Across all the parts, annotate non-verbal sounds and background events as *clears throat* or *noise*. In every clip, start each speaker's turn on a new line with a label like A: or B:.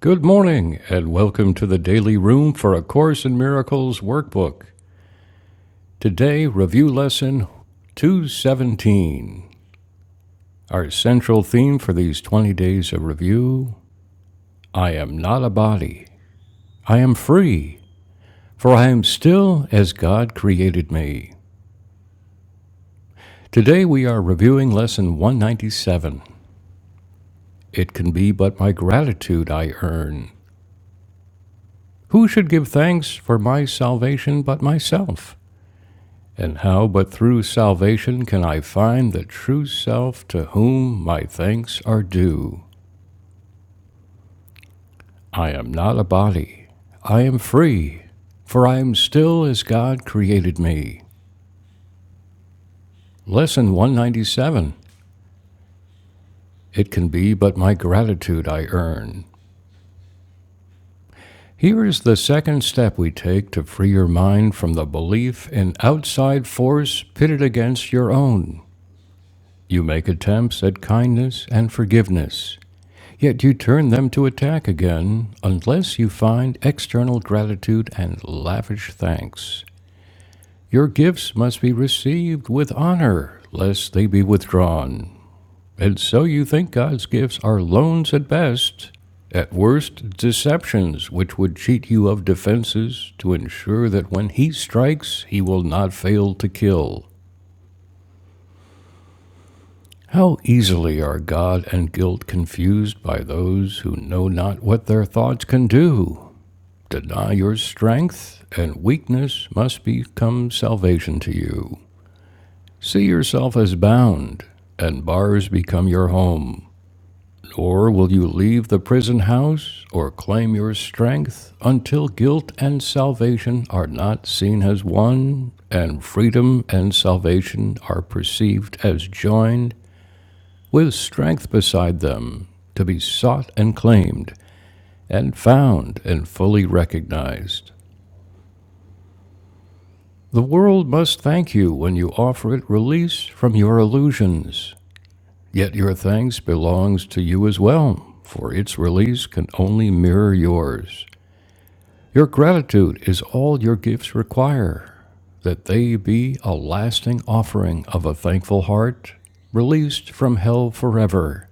A: Good morning, and welcome to the Daily Room for A Course in Miracles workbook. Today, review lesson 217. Our central theme for these 20 days of review I am not a body. I am free, for I am still as God created me. Today, we are reviewing lesson 197. It can be but my gratitude I earn. Who should give thanks for my salvation but myself? And how but through salvation can I find the true self to whom my thanks are due? I am not a body. I am free, for I am still as God created me. Lesson 197 It can be but my gratitude I earn. Here is the second step we take to free your mind from the belief in outside force pitted against your own. You make attempts at kindness and forgiveness. Yet you turn them to attack again, unless you find external gratitude and lavish thanks. Your gifts must be received with honor, lest they be withdrawn. And so you think God's gifts are loans at best, at worst, deceptions which would cheat you of defenses to ensure that when He strikes, He will not fail to kill. How easily are God and guilt confused by those who know not what their thoughts can do! Deny your strength, and weakness must become salvation to you. See yourself as bound, and bars become your home. Nor will you leave the prison house or claim your strength until guilt and salvation are not seen as one, and freedom and salvation are perceived as joined, with strength beside them, to be sought and claimed, and found and fully recognized. The world must thank you when you offer it release from your illusions. Yet your thanks belongs to you as well, for its release can only mirror yours. Your gratitude is all your gifts require, that they be a lasting offering of a thankful heart, released from hell forever.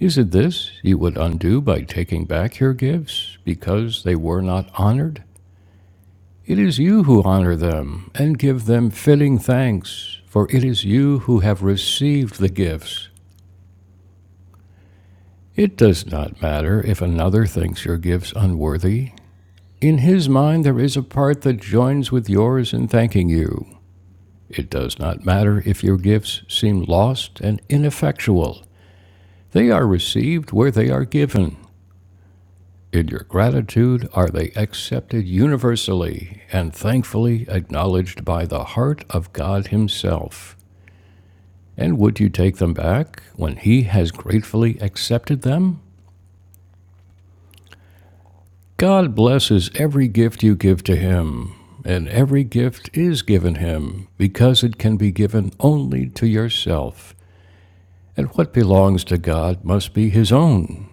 A: Is it this you would undo by taking back your gifts because they were not honored? It is you who honor them and give them fitting thanks, for it is you who have received the gifts. It does not matter if another thinks your gifts unworthy. In his mind there is a part that joins with yours in thanking you. It does not matter if your gifts seem lost and ineffectual. They are received where they are given. In your gratitude are they accepted universally and thankfully acknowledged by the heart of God Himself. And would you take them back when he has gratefully accepted them? God blesses every gift you give to him, and every gift is given him, because it can be given only to yourself. And what belongs to God must be his own.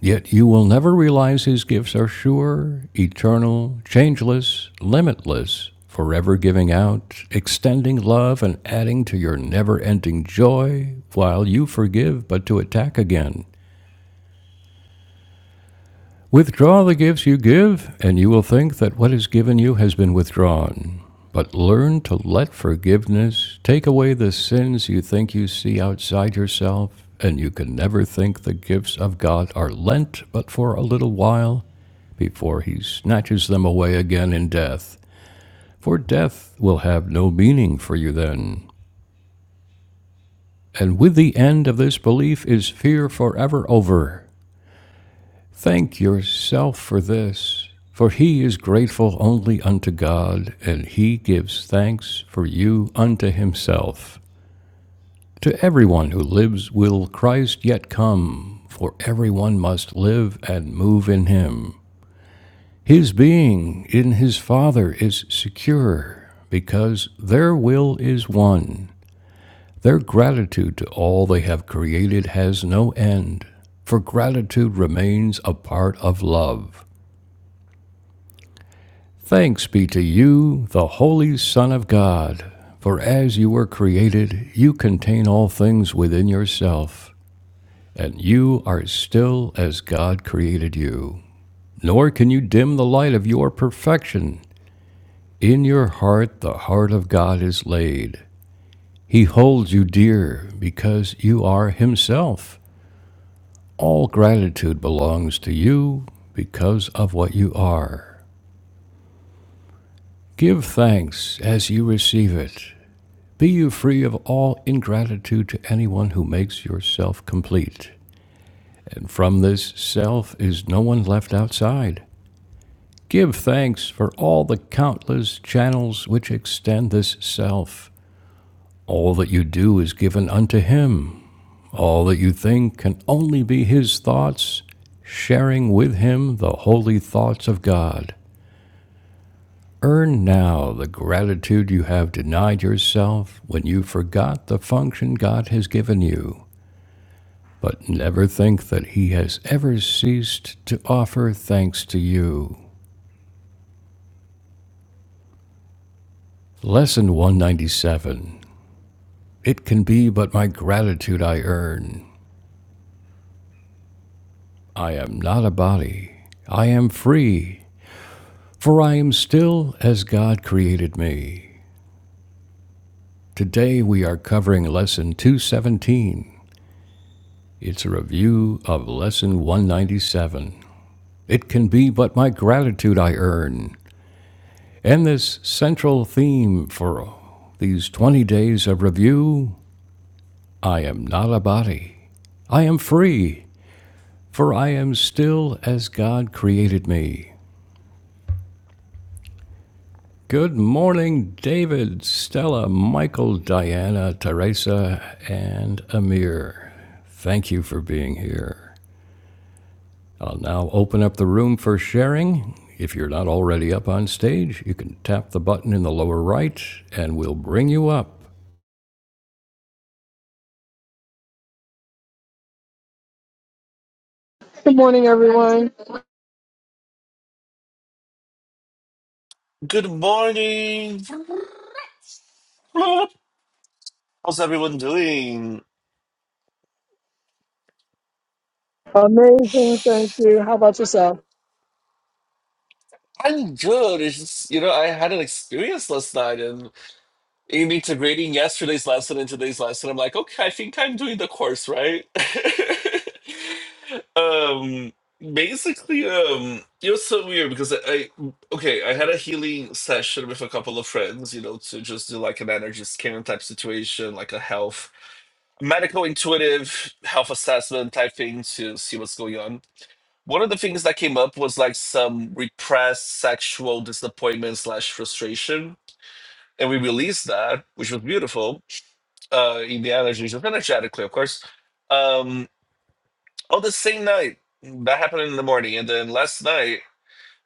A: Yet you will never realize his gifts are sure, eternal, changeless, limitless, forever giving out, extending love, and adding to your never ending joy, while you forgive but to attack again. Withdraw the gifts you give, and you will think that what is given you has been withdrawn. But learn to let forgiveness take away the sins you think you see outside yourself, and you can never think the gifts of God are lent but for a little while before he snatches them away again in death. For death will have no meaning for you then. And with the end of this belief is fear forever over, Thank yourself for this, for he is grateful only unto God, and he gives thanks for you unto himself. To everyone who lives will Christ yet come, for everyone must live and move in him. His being in his Father is secure, because their will is one. Their gratitude to all they have created has no end, for gratitude remains a part of love. Thanks be to you, the Holy Son of God, for as you were created, you contain all things within yourself, and you are still as God created you. Nor can you dim the light of your perfection. In your heart, the heart of God is laid. He holds you dear because you are Himself. All gratitude belongs to you because of what you are. Give thanks as you receive it Be you free of all ingratitude to anyone who makes yourself complete. And from this self is no one left outside. Give thanks for all the countless channels which extend this self. All that you do is given unto Him. All that you think can only be His thoughts, sharing with Him the holy thoughts of God. Earn now the gratitude you have denied yourself when you forgot the function God has given you. but never think that he has ever ceased to offer thanks to you. Lesson 197 It can be but my gratitude I earn. I am not a body. I am free, for I am still as God created me. Today we are covering Lesson 217. It's a review of Lesson 197. It can be but my gratitude I earn. And this central theme for these 20 days of review I am not a body. I am free, for I am still as God created me. Good morning, David, Stella, Michael, Diana, Teresa, and Amir. Thank you for being here. I'll now open up the room for sharing. If you're not already up on stage, you can tap the button in the lower right and we'll bring you up.
B: Good morning, everyone.
C: Good morning. How's everyone doing?
B: Amazing. Thank you. How about yourself?
C: I'm good. It's just, you know, I had an experience last night and in integrating yesterday's lesson and today's lesson, I'm like, okay, I think I'm doing the course, right? *laughs* um, basically, um, it was so weird because I, I, okay, I had a healing session with a couple of friends, you know, to just do like an energy scan type situation, like a health, medical intuitive health assessment type thing to see what's going on One of the things that came up was like some repressed sexual disappointment slash frustration, and we released that, which was beautiful. Uh, in the energy, just energetically, of course. Um, on the same night that happened in the morning, and then last night,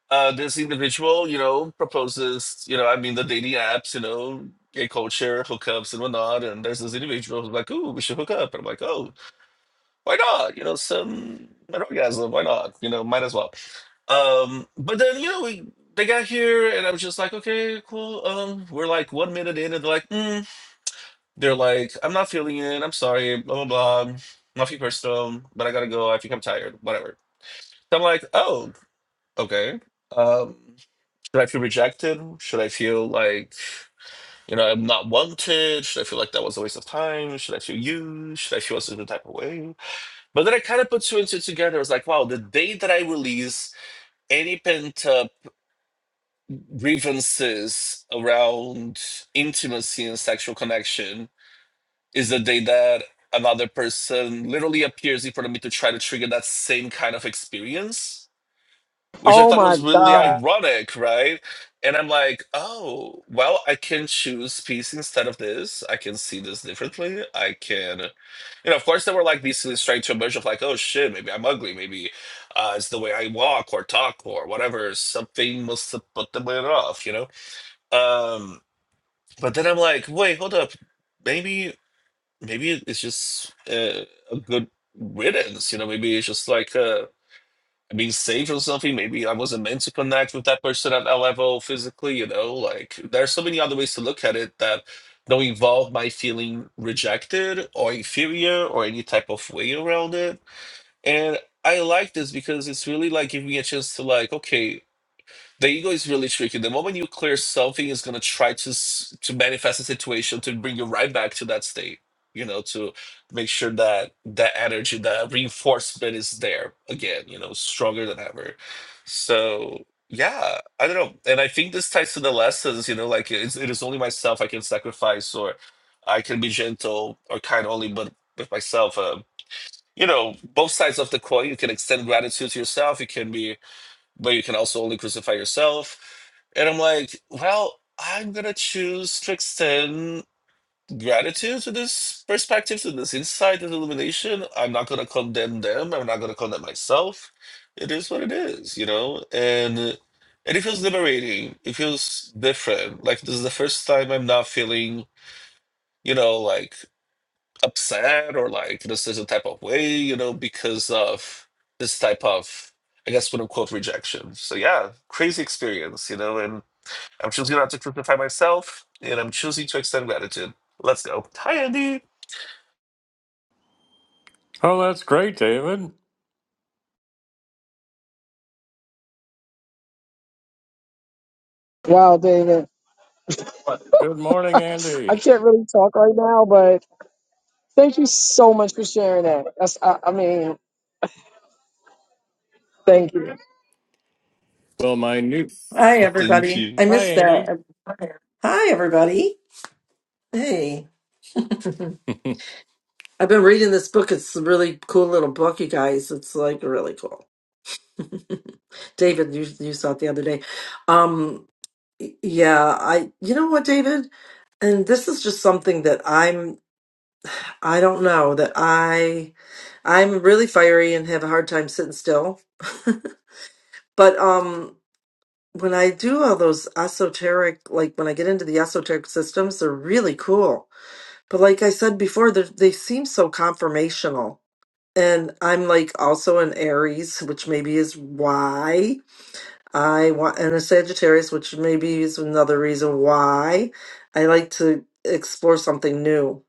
C: uh, this individual, you know, proposes, you know, I mean, the dating apps, you know, gay culture, hookups and whatnot, and there's this individual who's like, "Ooh, we should hook up," and I'm like, "Oh." why not? You know, some orgasm, why not? You know, might as well. Um, but then you know, we they got here, and I was just like, okay, cool. Um, we're like one minute in, and they're like, mm. they're like, I'm not feeling it. I'm sorry. Blah blah blah. Nothing personal, but I gotta go. I think I'm tired. Whatever. So I'm like, oh, okay. Um, should I feel rejected? Should I feel like you know I'm not wanted? Should I feel like that was a waste of time? Should I feel used? Should I feel a certain type of way? But then I kind of put two and two together. I was like, wow, the day that I release any pent up grievances around intimacy and sexual connection is the day that another person literally appears in front of me to try to trigger that same kind of experience which I
B: Oh,
C: thought
B: my
C: was really
B: God.
C: ironic, right? And I'm like, oh, well, I can choose peace instead of this. I can see this differently. I can, you know, of course, there were like these things trying to emerge of like, oh shit, maybe I'm ugly. Maybe uh, it's the way I walk or talk or whatever. Something must have put them off, you know? Um, but then I'm like, wait, hold up. Maybe, maybe it's just uh, a good riddance, you know? Maybe it's just like, uh, I mean, save or something. Maybe I wasn't meant to connect with that person at that level physically, you know? Like, there are so many other ways to look at it that don't involve my feeling rejected or inferior or any type of way around it. And I like this because it's really like giving me a chance to, like, okay, the ego is really tricky. The moment you clear something, it's gonna try to s- to manifest a situation to bring you right back to that state. You know, to make sure that that energy, that reinforcement is there again. You know, stronger than ever. So yeah, I don't know, and I think this ties to the lessons. You know, like it's, it is only myself I can sacrifice, or I can be gentle or kind only, but with myself. Um, you know, both sides of the coin. You can extend gratitude to yourself. You can be but you can also only crucify yourself. And I'm like, well, I'm gonna choose to extend gratitude to this perspective, to this insight, this illumination. I'm not gonna condemn them. I'm not gonna condemn myself. It is what it is, you know. And and it feels liberating. It feels different. Like this is the first time I'm not feeling, you know, like upset or like this is a type of way, you know, because of this type of, I guess, quote unquote, rejection. So yeah, crazy experience, you know, and I'm choosing not to crucify myself and I'm choosing to extend gratitude. Let's go. Hi, Andy.
A: Oh, that's great, David.
B: Wow, David.
A: Good
B: *laughs*
A: morning,
B: I
A: Andy.
B: can't really talk right now, but thank you so much for sharing that. That's, I, I mean, thank you.
A: Well, my new
D: Hi,
C: Thank
D: everybody.
C: you.
D: I
A: hi,
D: missed
A: Andy.
D: that. Hi, everybody. Hey. *laughs*
A: *laughs*
D: I've been reading this book. It's a really cool little book, you guys. It's like really cool. David, you, you saw it the other day. Um, y- yeah, I, you know what, David? And this is just something that I'm, I don't know that I, I'm really fiery and have a hard time sitting still. *laughs* but, um, when I do all those esoteric, like when I get into the esoteric systems, they're really cool But like I said before, they're- they seem so confirmational. And I'm like also an Aries, which maybe is why I want, and a Sagittarius, which maybe is another reason why I like to explore something new.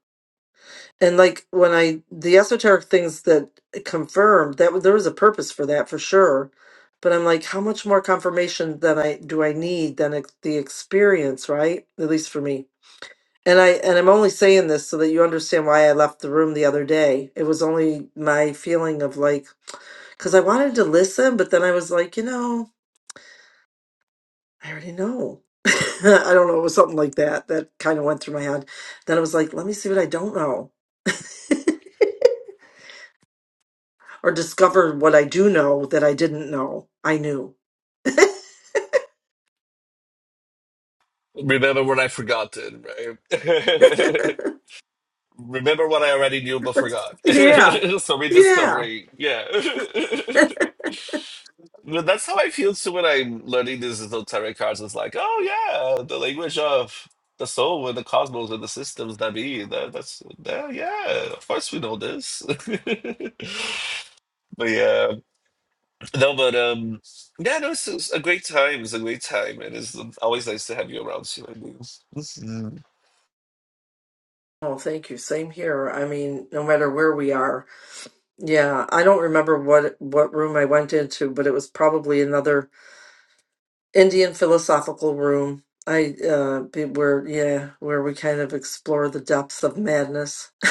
D: And like when I, the esoteric things that confirmed that there was a purpose for that for sure. But I'm like, how much more confirmation than I do I need than ex- the experience, right? At least for me. And I and I'm only saying this so that you understand why I left the room the other day. It was only my feeling of like cuz I wanted to listen but then I was like, you know, I already know. *laughs* I don't know, it was something like that that kind of went through my head. Then I was like, let me see what I don't know. *laughs* or discover what I do know that I didn't know. I knew.
C: Remember what I forgot, then, right? *laughs* Remember what I already knew but forgot.
D: Yeah.
C: *laughs* so
D: Yeah.
C: rediscovering, yeah. *laughs* But that's how I feel too when I'm learning these little tarot cards. It's like, oh yeah, the language of the soul and the cosmos and the systems that be. That, that's that, yeah. Of course we know this. *laughs* but yeah, no, but um, yeah, no, it's, it's a great time. It's a great time, and it's always nice to have you around, Sue. I Sheila.
D: Oh, thank you. Same here. I mean, no matter where we are, Yeah, I don't remember what what room I went into, but it was probably another Indian philosophical room. I uh be- where yeah, where we kind of explore the depths of madness. *laughs*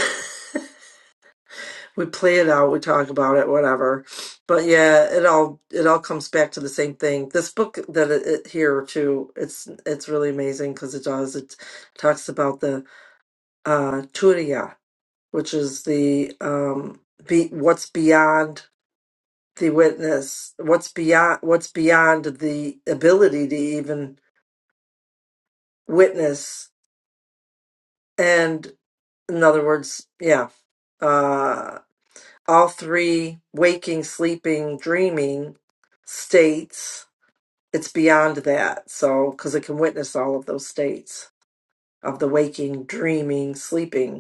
D: We play it out, we talk about it, whatever. But yeah, it all it all comes back to the same thing. This book that it, it here too, it's it's really amazing because it does it talks about the uh Turiya, which is the um be what's beyond The witness what's beyond what's beyond the ability to even witness and in other words yeah uh all three waking sleeping dreaming states it's beyond that so because it can witness all of those states of the waking dreaming sleeping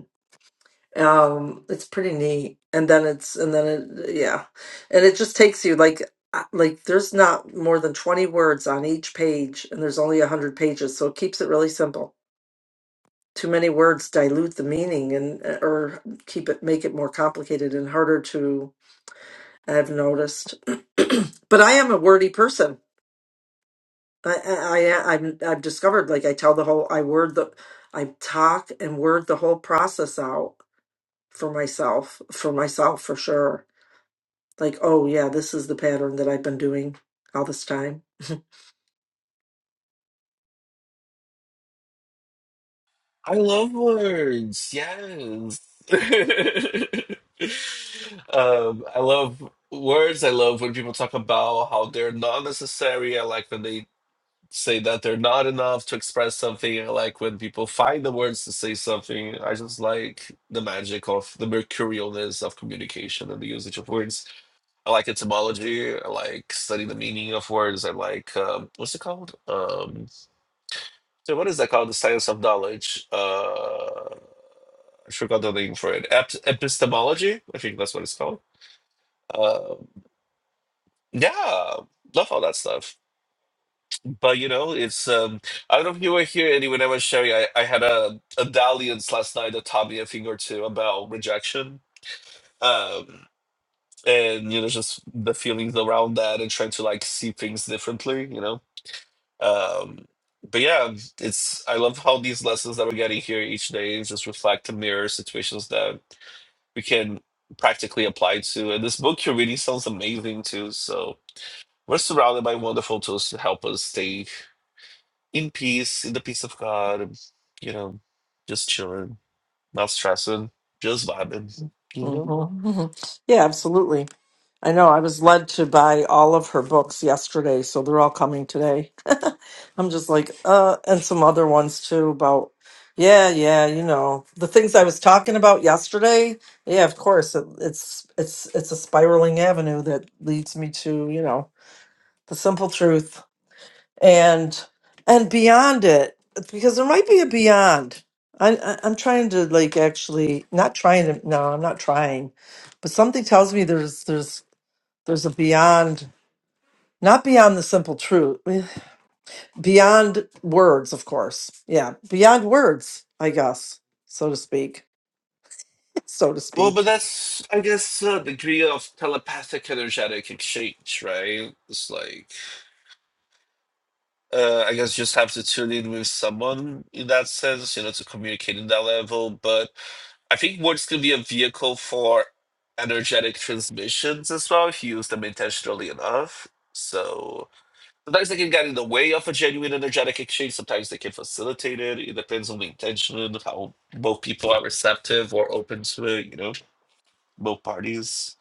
D: um it's pretty neat and then it's and then it yeah and it just takes you like uh, like there's not more than 20 words on each page and there's only 100 pages so it keeps it really simple too many words dilute the meaning and uh, or keep it make it more complicated and harder to i've noticed *clears throat* but i am a wordy person i i, I I'm, i've discovered like i tell the whole i word the i talk and word the whole process out for myself for myself for sure Like, oh yeah, this is the pattern that I've been doing all this time. *laughs*
C: I love words. Yes. *laughs* um, I love words. I love when people talk about how they're not necessary. I like when they say that they're not enough to express something. I like when people find the words to say something. I just like the magic of the mercurialness of communication and the usage of words. I like etymology. I like studying the meaning of words. I like um, what's it called? Um, so what is that called? The science of knowledge. Uh, I forgot the name for it. Ep- epistemology, I think that's what it's called. Uh, yeah, love all that stuff. But you know, it's um, I don't know if you were here, Eddie. When I was sharing, I, I had a, a dalliance last night that taught me a thing or two about rejection. Um, and you know, just the feelings around that and trying to like see things differently, you know. Um, but yeah, it's I love how these lessons that we're getting here each day just reflect and mirror situations that we can practically apply to. And this book you're reading sounds amazing too. So we're surrounded by wonderful tools to help us stay in peace, in the peace of God, you know, just chilling, not stressing, just vibing, you know?
D: hmm *laughs* Yeah, absolutely. I know I was led to buy all of her books yesterday, so they're all coming today. *laughs* I'm just like, uh, and some other ones too about, yeah, yeah, you know, the things I was talking about yesterday. Yeah, of course, it, it's it's it's a spiraling avenue that leads me to you know the simple truth and and beyond it because there might be a beyond. I, I I'm trying to like actually not trying to no, I'm not trying, but something tells me there's there's there's a beyond, not beyond the simple truth, beyond words, of course. Yeah, beyond words, I guess, so to speak. *laughs* So to
C: Well, but
D: speak.
C: that's, I guess, a degree of telepathic energetic exchange, right? It's like uh, I guess you just have to tune in with someone in that sense, you know, to communicate in that level. But I think words can be a vehicle for energetic transmissions as well if you use them intentionally enough. So sometimes they can get in the way of a genuine energetic exchange. Sometimes they can facilitate it. It depends on the intention, and how both people are receptive or open to it, you know, both parties.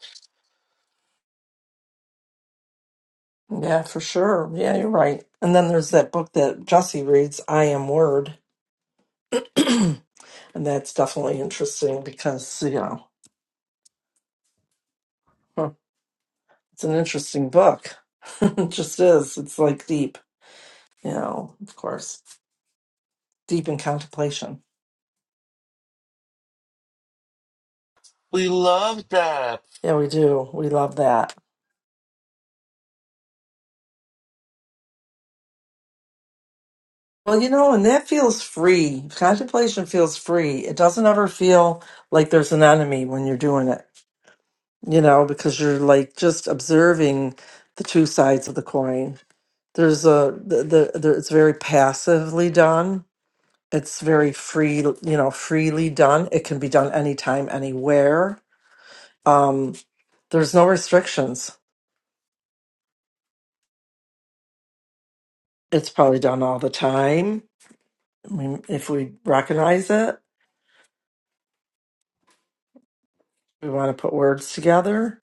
D: Yeah, for sure. Yeah, you're right. And then there's that book that Jesse reads, I Am Word. *clears throat* and that's definitely interesting because, you know, huh, it's an interesting book. *laughs* it just is. It's like deep, you know, of course, deep in contemplation.
C: We love that.
D: Yeah, we do. We love that. Well, you know, and that feels free. Contemplation feels free. It doesn't ever feel like there's an enemy when you're doing it, you know, because you're like just observing the two sides of the coin. There's a, the, the, the it's very passively done. It's very free, you know, freely done. It can be done anytime, anywhere. Um, there's no restrictions. It's probably done all the time. I mean, if we recognize it, we want to put words together,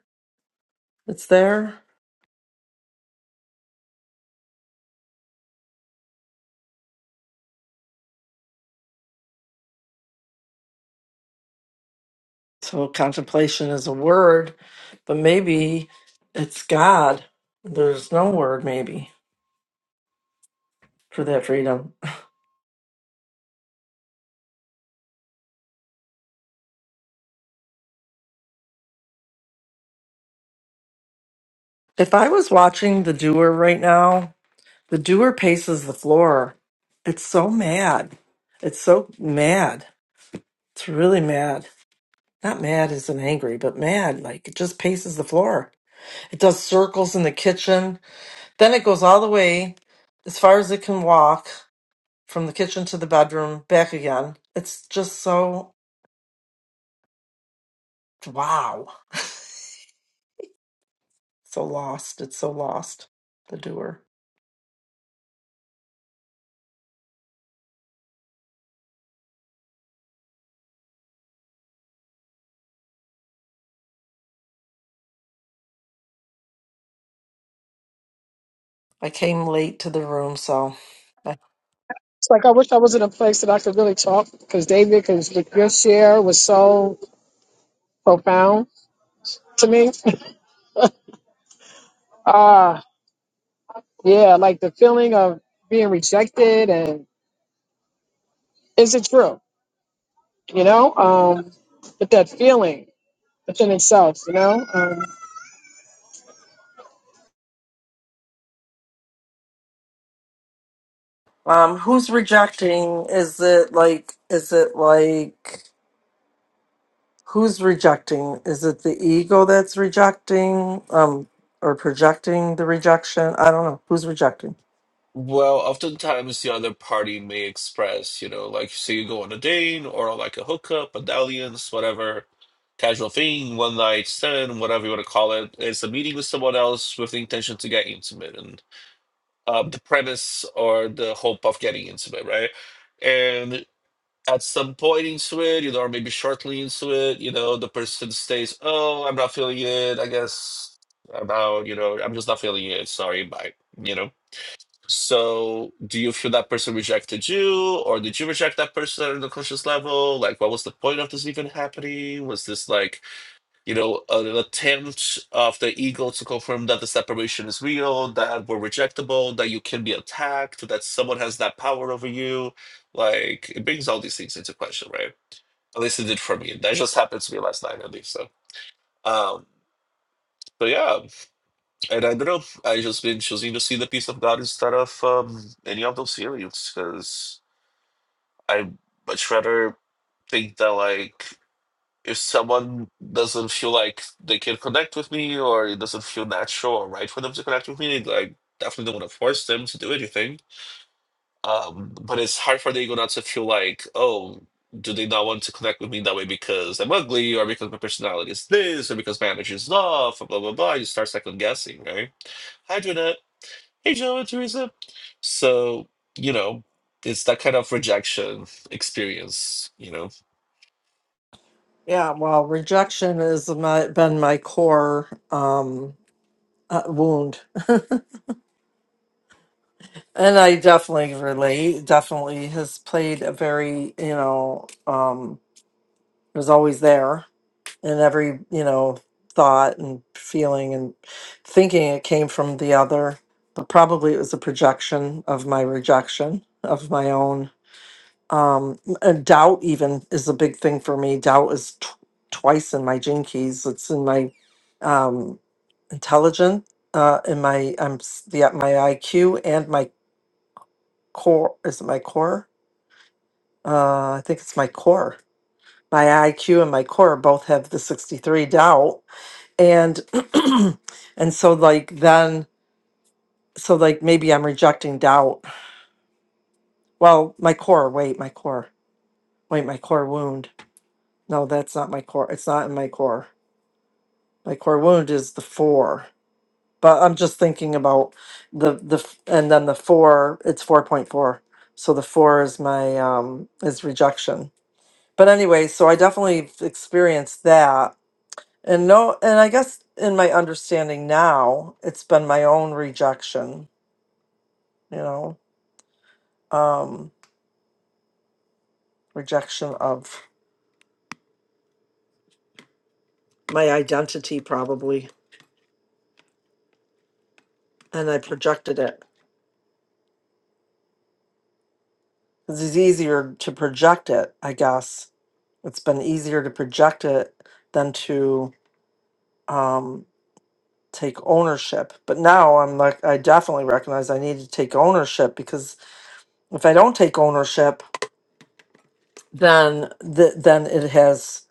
D: it's there So contemplation is a word, but maybe it's God. There's no word, maybe, for that freedom. If I was watching the doer right now, the doer paces the floor. It's so mad. It's so mad. It's really mad. Not mad as in angry, but mad. Like it just paces the floor. It does circles in the kitchen. Then it goes all the way as far as it can walk from the kitchen to the bedroom, back again. It's just so Wow. *laughs* so lost. It's so lost. The doer. I came late to the room, so.
B: It's like I wish I was in a place that I could really talk because David, because your share was so profound to me. *laughs* Ah, yeah, like the feeling of being rejected and is it true? You know, um, but that feeling within itself, you know. Um,
D: Um, who's rejecting? Is it like, is it like, who's rejecting? Is it the ego that's rejecting? Um, or projecting the rejection? I don't know. Who's rejecting?
C: Well, oftentimes the other party may express, you know, like say you go on a date or like a hookup, a dalliance, whatever, casual thing, one night stand, whatever you want to call it. It's a meeting with someone else with the intention to get intimate and uh, the premise or the hope of getting intimate, right? And at some point into it, you know, or maybe shortly into it, you know, the person states, "Oh, I'm not feeling it. I guess I'm out. You know, I'm just not feeling it. Sorry, bye." You know so, do you feel that person rejected you, or did you reject that person on the conscious level? Like, what was the point of this even happening? Was this like, you know, an attempt of the ego to confirm that the separation is real, that we're rejectable, that you can be attacked, that someone has that power over you? Like, it brings all these things into question, right? At least it did for me. That just happened to me last night, I think so. Um, so yeah, and I don't know if I just been choosing to see the peace of God instead of um, any of those feelings because I much rather think that like if someone doesn't feel like they can connect with me or it doesn't feel natural or right for them to connect with me, like definitely don't want to force them to do anything. Um, but it's hard for the ego not to feel like, oh, do they not want to connect with me that way because I'm ugly or because my personality is this or because my energy is off, or blah blah blah. You start second guessing, right? Hi, Junette. Hey, Joe and Teresa. So, you know, it's that kind of rejection experience, you know.
D: Yeah, well, rejection has my, been my core um, uh, wound. And I definitely relate. Definitely has played a very, you know, um, was always there in every, you know, thought and feeling and thinking it came from the other, but probably it was a projection of my rejection of my own. Um, and doubt even is a big thing for me. Doubt is t- twice in my gene keys. It's in my um, intelligent uh in my i'm s- the my iq and my core is it my core uh, I think it's my core. My IQ and my core both have the 63 doubt. And *clears throat* and so like then so like maybe I'm rejecting doubt. Well, my core, wait, my core. Wait, my core wound. No, that's not my core. It's not in my core. My core wound is the 4. But I'm just thinking about the the f- and then the 4, it's 4.4. So the 4 is my um is rejection. But anyway, so I definitely experienced that And no, and I guess in my understanding now, it's been my own rejection, you know, um, rejection of my identity probably. And I projected it 'Cause it's easier to project it, I guess. It's been easier to project it than to um, take ownership. But now I'm like, I definitely recognize I need to take ownership because if I don't take ownership, then th- then it has,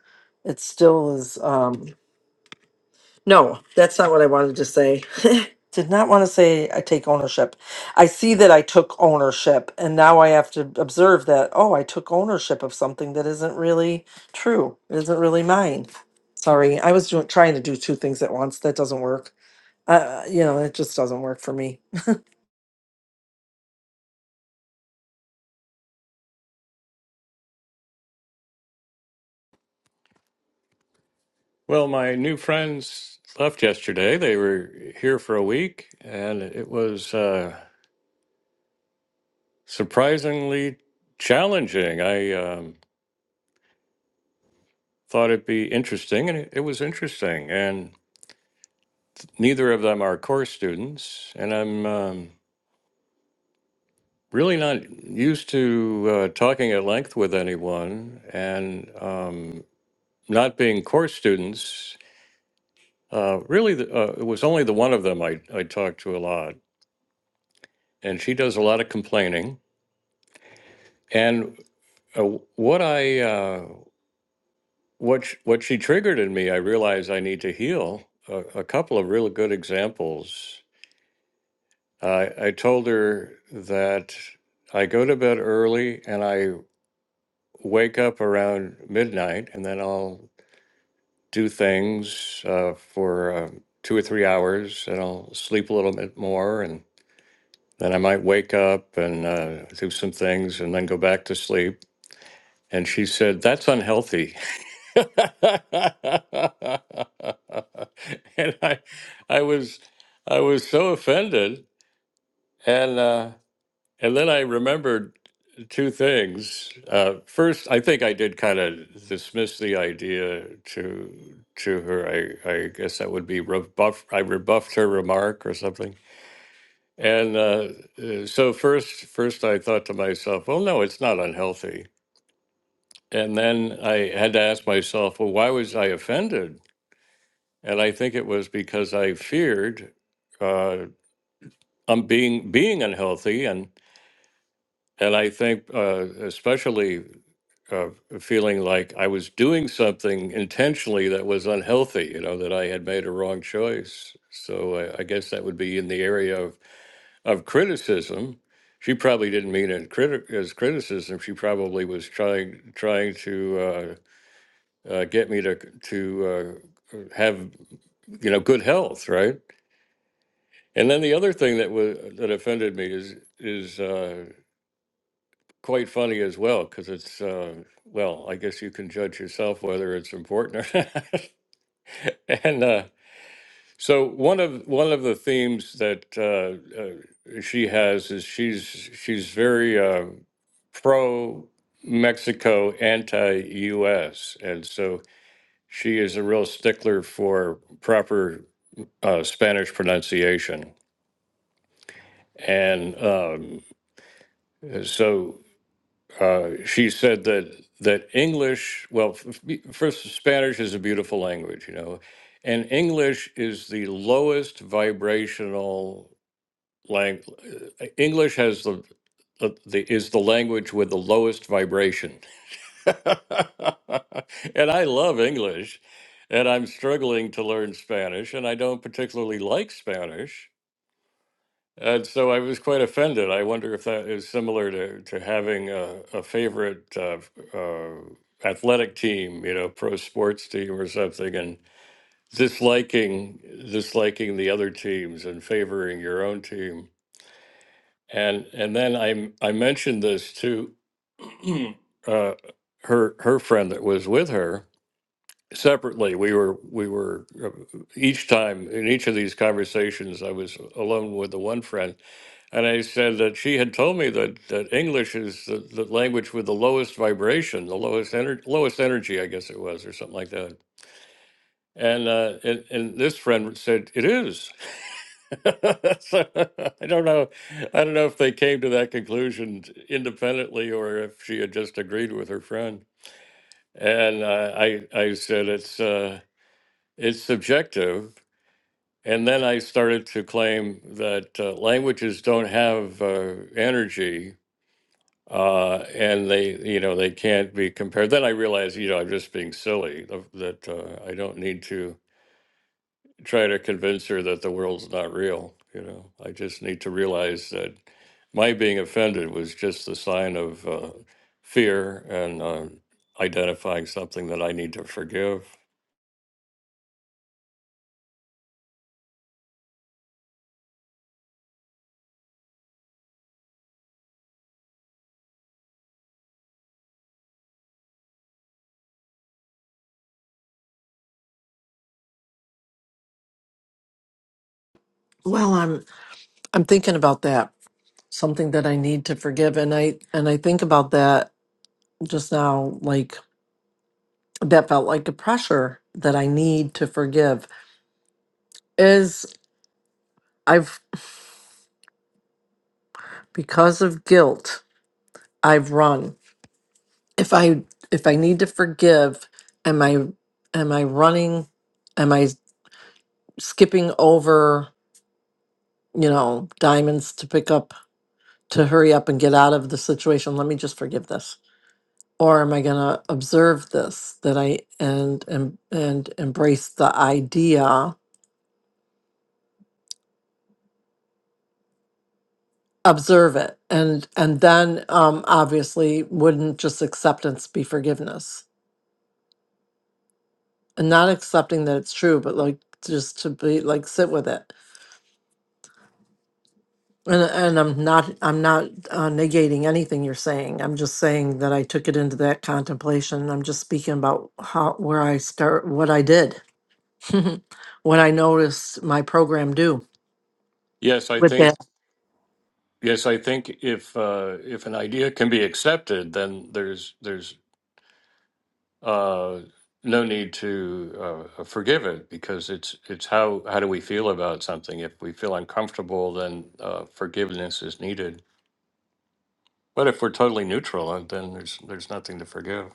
D: it still is. Um, No, that's not what I wanted to say. *laughs* Did not want to say I take ownership. I see that I took ownership, and now I have to observe that, oh, I took ownership of something that isn't really true. It isn't really mine. Sorry, I was doing, trying to do two things at once. That doesn't work. Uh, you know, it just doesn't work for me.
A: well, my new friends left yesterday. They were here for a week, and it was uh, surprisingly challenging. I um, thought it'd be interesting, and it, it was interesting. And neither of them are core students, and I'm um, really not used to uh, talking at length with anyone, and um, not being core students. Uh, really, the, uh, it was only the one of them I, I talked to a lot, and she does a lot of complaining. And uh, what I uh, what sh- what she triggered in me, I realized I need to heal. A, a couple of really good examples. I I told her that I go to bed early and I wake up around midnight, and then I'll do things uh, for uh, two or three hours, and I'll sleep a little bit more, and and I might wake up and uh, do some things and then go back to sleep. And she said, That's unhealthy. *laughs* and I, I was, I was so offended. And, uh, and then I remembered two things. Uh, first, I think I did kind of dismiss the idea to, to her. I, I guess that would be rebuff. I rebuffed her remark or something. And uh, uh, so first, first I thought to myself, well, no, it's not unhealthy. And then I had to ask myself, well, why was I offended? And I think it was because I feared uh, um, being being unhealthy, and and I think uh, especially uh, feeling like I was doing something intentionally that was unhealthy. You know that I had made a wrong choice. So I, I guess that would be in the area of. of criticism. She probably didn't mean it criti- as criticism. She probably was trying trying to uh, uh, get me to to uh, have you know good health, right? And then the other thing that was that offended me is is uh, quite funny as well because it's uh, well, I guess you can judge yourself whether it's important or *laughs* not. and uh, So one of one of the themes that uh, uh, she has is she's she's very uh, pro Mexico, anti U.S., and so she is a real stickler for proper uh, Spanish pronunciation. And um, so uh, she said that that English, well, f- f- first Spanish is a beautiful language, you know, and English is the lowest vibrational. lang- uh, English has the, the, the is the language with the lowest vibration, *laughs* and I love English, and I'm struggling to learn Spanish, and I don't particularly like Spanish, and so I was quite offended. I wonder if that is similar to to having a, a favorite uh, uh, athletic team, you know, pro sports team or something, and disliking disliking the other teams and favoring your own team. And and then I I mentioned this to *clears throat* uh, her her friend that was with her separately. We were we were uh, each time in each of these conversations I was alone with the one friend, and I said that she had told me that that English is the, the language with the lowest vibration, the lowest energy, lowest energy, I guess it was, or something like that. And uh, and and this friend said it is. *laughs* So, I don't know. I don't know if they came to that conclusion independently or if she had just agreed with her friend. And uh, I, I said it's uh, it's subjective. And then I started to claim that uh, languages don't have uh, energy, uh, and they, you know, they can't be compared. Then I realized, you know, I'm just being silly. That that, uh, I don't need to. try to convince her that the world's not real. You know, I just need to realize that my being offended was just the sign of uh, fear and uh, identifying something that I need to forgive.
D: Well, I'm I'm thinking about that. Something that I need to forgive, and I and I think about that just now. Like that felt like a pressure that I need to forgive. I've because of guilt, I've run. If I if I need to forgive, am I am I running? Am I skipping over, you know, diamonds to pick up to hurry up and get out of the situation? Let me just forgive this. Or am I going to observe this that I and and and embrace the idea, observe it. And and then um obviously wouldn't just acceptance be forgiveness? and not accepting that it's true, but like just to be like sit with it. And and I'm not I'm not uh, negating anything you're saying. I'm just saying that I took it into that contemplation. I'm just speaking about how where I start, what I did, *laughs* what I noticed my program do
A: Yes, I
D: with
A: think.
D: that.
A: Yes, I think if uh, if an idea can be accepted, then there's there's uh, no need to uh, forgive it because it's it's how how do we feel about something? If we feel uncomfortable, then uh, forgiveness is needed. But if we're totally neutral, and then there's there's nothing to forgive.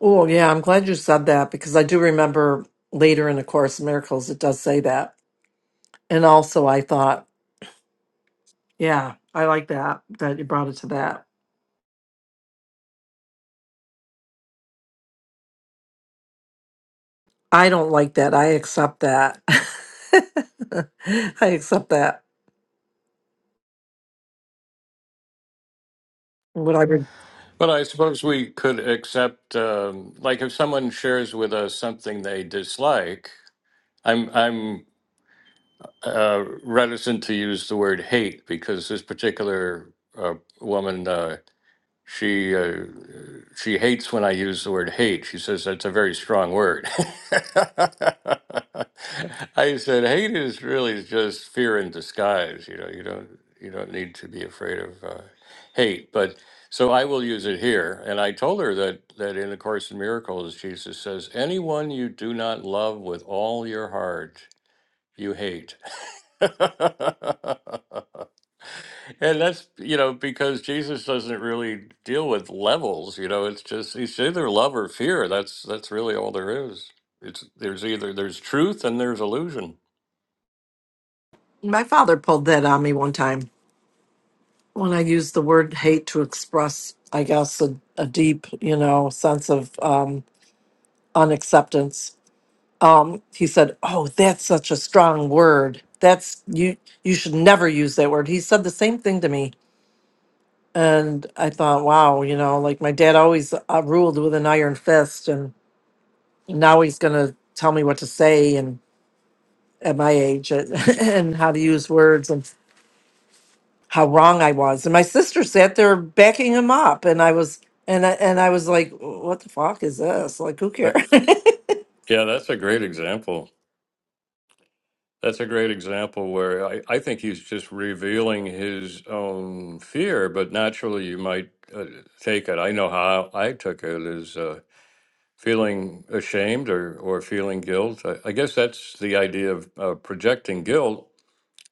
D: Oh yeah, I'm glad you said that because I do remember later in the Course in Miracles it does say that. And also I thought, yeah, I like that that you brought it to that I don't like that. I accept that. *laughs* I accept that. What I would.
A: But I suppose we could accept, um, like, if someone shares with us something they dislike. I'm I'm uh, reticent to use the word hate because this particular uh, woman. Uh, She uh, she hates when I use the word hate. She says that's a very strong word. *laughs* I said hate is really just fear in disguise. You know, you don't you don't need to be afraid of uh, hate. But so I will use it here. And I told her that that in the Course in Miracles, Jesus says, "Anyone you do not love with all your heart, you hate." *laughs* And that's, you know, because Jesus doesn't really deal with levels, you know, it's just it's either love or fear. That's that's really all there is. It's there's either there's truth and there's illusion.
D: My father pulled that on me one time when I used the word hate to express, I guess, a, a deep, you know, sense of um, unacceptance. Um, he said, "Oh, that's such a strong word. That's you. You should never use that word." He said the same thing to me, and I thought, "Wow, you know, like my dad always uh, ruled with an iron fist, and now he's gonna." tell me what to say and." at my age *laughs* and how to use words and how wrong I was. And my sister sat there backing him up, and I was and I, and I was like, "What the fuck is this? Like, who cares?"
A: That,
D: *laughs* it
A: yeah, that's a great example. That's a great example where I, I think he's just revealing his own fear, but naturally you might uh, take it. I know how I took it is uh, feeling ashamed or, or feeling guilt. I, I guess that's the idea of uh, projecting guilt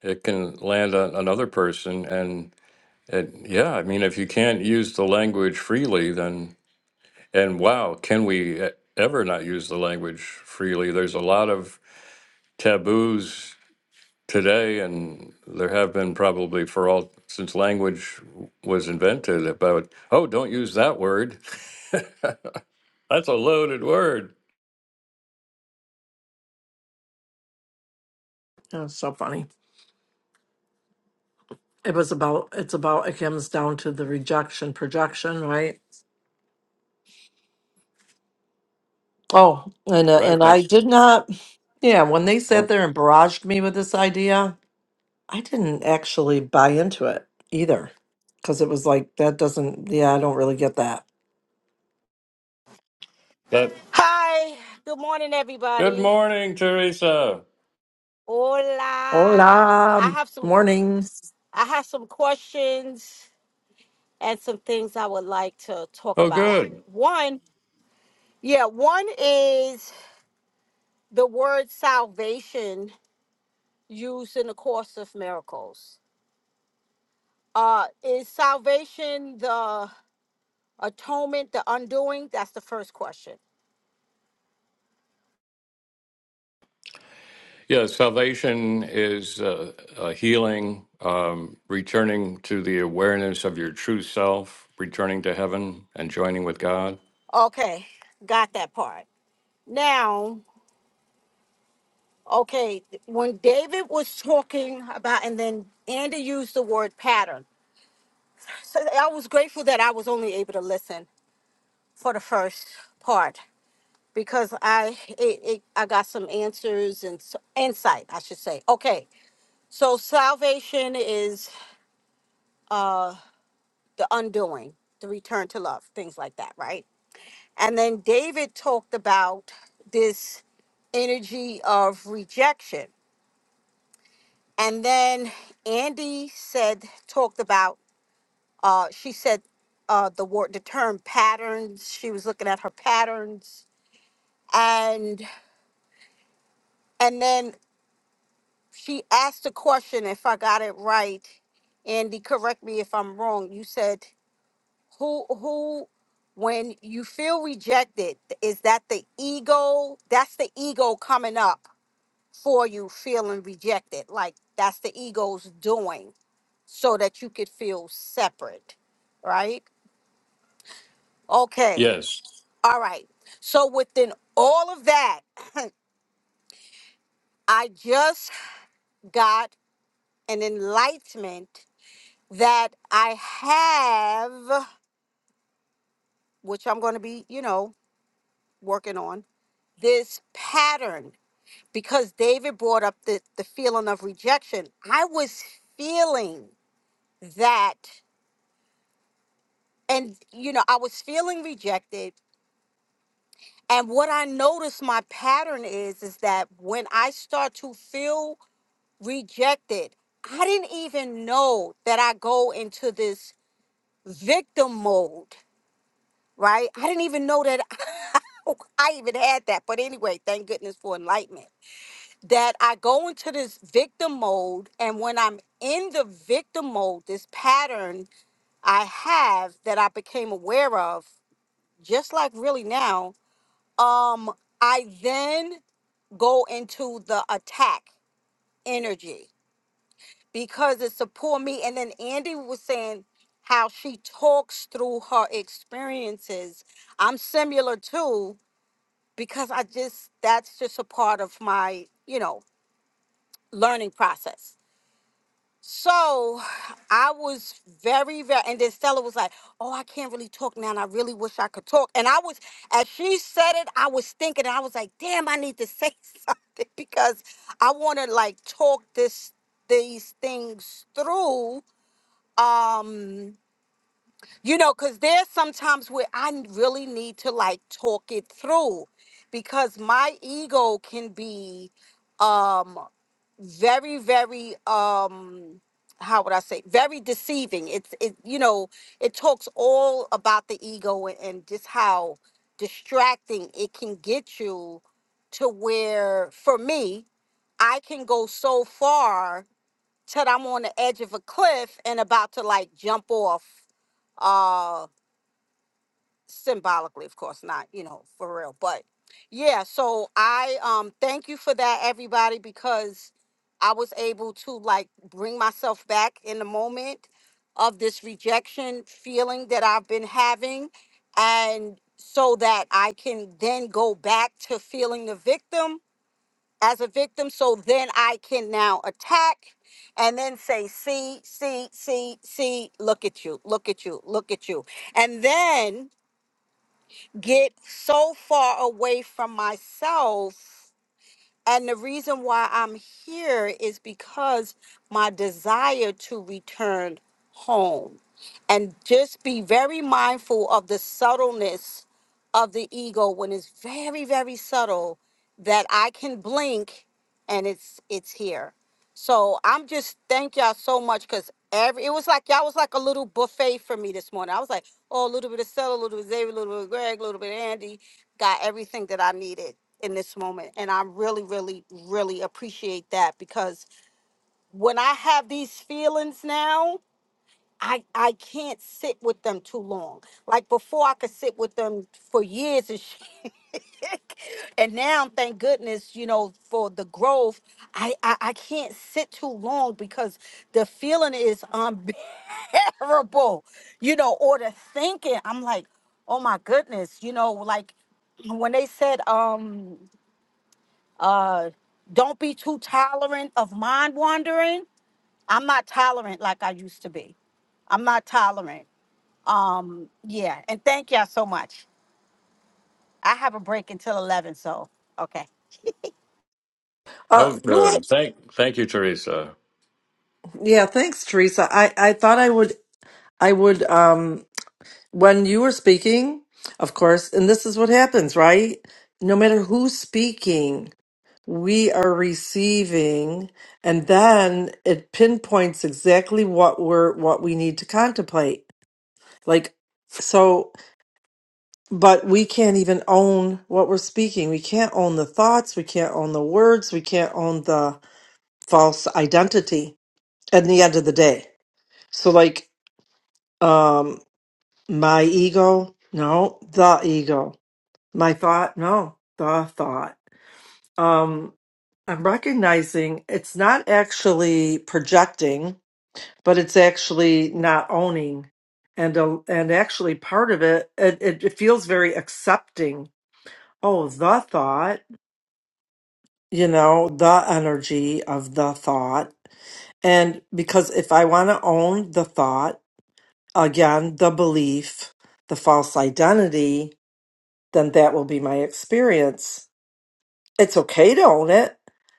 A: it can land on another person and it yeah i mean if you can't use the language freely then and wow can we e- ever not use the language freely there's a lot of taboos today and there have been probably for all since language was invented about oh don't use that word *laughs* that's a loaded word
D: was so funny. It was about it's about it comes down to the rejection projection, right? Oh, and uh,
A: right
D: and I
A: that's
D: did not. Yeah, when they sat
A: well,
D: there and barraged me with this idea, I didn't actually buy into it either because it was like that doesn't. Yeah, I don't really get that.
A: that
E: Hi, good morning,
A: good
E: everybody.
A: morning teresa
E: Hola. I
D: Hola,
E: have some qu-
D: morning.
E: I have some questions and some things I would like to talk
A: oh
E: about.
A: good
E: One, yeah, one is the word salvation used in the course of miracles. Uh, is salvation the atonement, the undoing? That's the first question.
A: Yeah, salvation is uh, a healing, um, returning to the awareness of your true self, returning to heaven and joining with God.
E: Okay, got that part. Now, Okay, when David was talking about, and then Andy used the word pattern. So I was grateful that I was only able to listen for the first part because I it, it, I got some answers and s insight, I should say. Okay, so salvation is uh, the undoing, the return to love, things like that, right? And then David talked about this energy of rejection. And then Andy said, talked about Uh, she said uh, the word, the term patterns. She was looking at her patterns, and and then she asked a question. If I got it right, Andy, correct me if I'm wrong. You said who who when you feel rejected is that the ego that's the ego coming up for you feeling rejected like that's the ego's doing so that you could feel separate right okay
A: Yes.
E: All right. So within all of that, *clears throat* I just got an enlightenment that I have, which I'm going to be, you know, working on this pattern because David brought up the, the feeling of rejection. I was feeling that, and, you know, I was feeling rejected. And what I noticed my pattern is, is that when I start to feel rejected. I didn't even know that I go into this victim mode, right? I didn't even know that *laughs* I even had that. But anyway, thank goodness for enlightenment. That I go into this victim mode, and when I'm in the victim mode, this pattern I have that I became aware of, just like really now, um, I then go into the attack energy because it support me. And then Andy was saying how she talks through her experiences. I'm similar too because I just that's just a part of my you know learning process. So I was very very and then Stella was like, "Oh, I can't really talk now, and I really wish I could talk." And I was as she said it, I was thinking, and I was like, "Damn, I need to say *laughs* something because I want to like talk this these things through." um you know because there's sometimes where i n- really need to like talk it through because my ego can be um very very um how would i say very deceiving it's it you know it talks all about the ego and, and just how distracting it can get you to where for me i can go so far till I'm on the edge of a cliff and about to like jump off. Uh symbolically, of course, not, you know, for real. But yeah, so I um thank you for that, everybody, because I was able to like bring myself back in the moment of this rejection feeling that I've been having and so that I can then go back to feeling the victim as a victim so then I can now attack and then say, see, see, see, see, look at you, look at you, look at you. And then get so far away from myself and the reason why I'm here is because my desire to return home. And just be very mindful of the subtleness of the ego when it's very, very subtle that I can blink and it's it's here. So I'm just thank y'all so much because every it was like y'all was like a little buffet for me this morning. I was like, oh, a little bit of Stella, a little bit of Xavier, a little bit of Greg, a little bit of Andy, got everything that I needed in this moment. And I really, really, really appreciate that because when I have these feelings now, I, I can't sit with them too long. Like before, I could sit with them for years and *laughs* shit. and now, thank goodness, you know, for the growth, I, I, I can't sit too long because the feeling is unbearable, *laughs* you know, or the thinking. I'm like, oh my goodness, you know, like when they said, um, uh, don't be too tolerant of mind wandering. I'm not tolerant like I used to be. I'm not tolerant. Um, yeah, and thank y'all so much. I have a break until eleven, so okay.
D: Uh,
A: Oh,
D: you know what?
A: good. Thank, thank you, Teresa.
D: Yeah, thanks, Teresa. I, I thought I would I would um when you were speaking, of course, and this is what happens, right? No matter who's speaking, we are receiving, and then it pinpoints exactly what we're what we need to contemplate. Like so, but we can't even own what we're speaking. We can't own the thoughts. We can't own the words. We can't own the false identity. At the end of the day. So like Um, my ego? No, the ego. My thought? No, the thought. Um, I'm recognizing it's not actually projecting, but it's actually not owning. And uh, and actually part of it, it, it it feels very accepting. Oh, the thought, you know, the energy of the thought. And because if I want to own the thought, again, the belief, the false identity, then that will be my experience. It's okay to own it,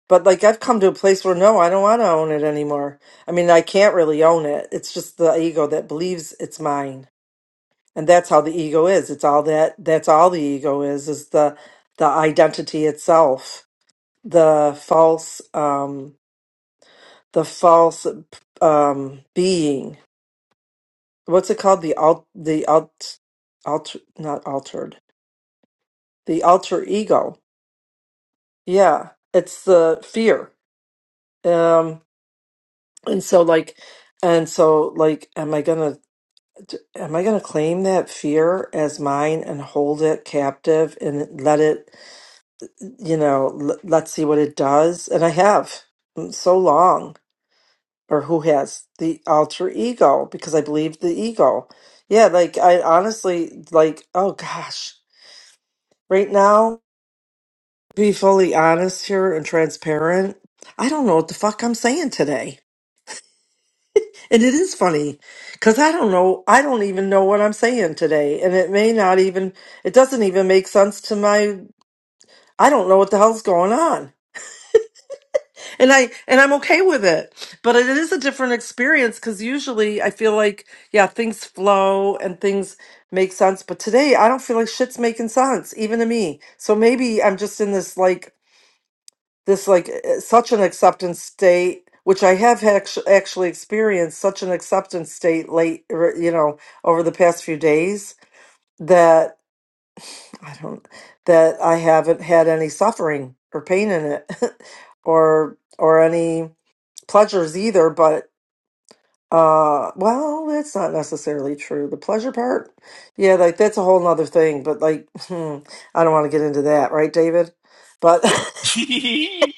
D: but like I've come to a place where no, I don't want to own it anymore. I mean, I can't really own it. It's just the ego that believes it's mine. And that's how the ego is. It's all that that's all the ego is is the the identity itself, the false um the false um being. What's it called? The alt the alt alter not altered. The alter ego. Yeah, it's the fear. um and so like and so like am i gonna am i gonna claim that fear as mine and hold it captive and let it you know l- let's see what it does and i have mm, so long or who has the alter ego because i believe the ego yeah like i honestly like oh gosh right now be fully honest here and transparent i don't know what the fuck i'm saying today And it is funny because I don't know, I don't even know what I'm saying today. And it may not even, it doesn't even make sense to my, I don't know what the hell's going on. And I, and I'm okay with it. But it is a different experience because usually I feel like, yeah, things flow and things make sense. But today I don't feel like shit's making sense, even to me. So maybe I'm just in this like this like uh, such an acceptance state which i have actu- actually experienced such an acceptance state late er, you know over the past few days that i don't that i haven't had any suffering or pain in it *laughs* or or any pleasures either but uh well that's not necessarily true the pleasure part yeah like that's a whole nother thing but like *laughs* hmm, i don't want to get into that right david but *laughs*
C: *laughs*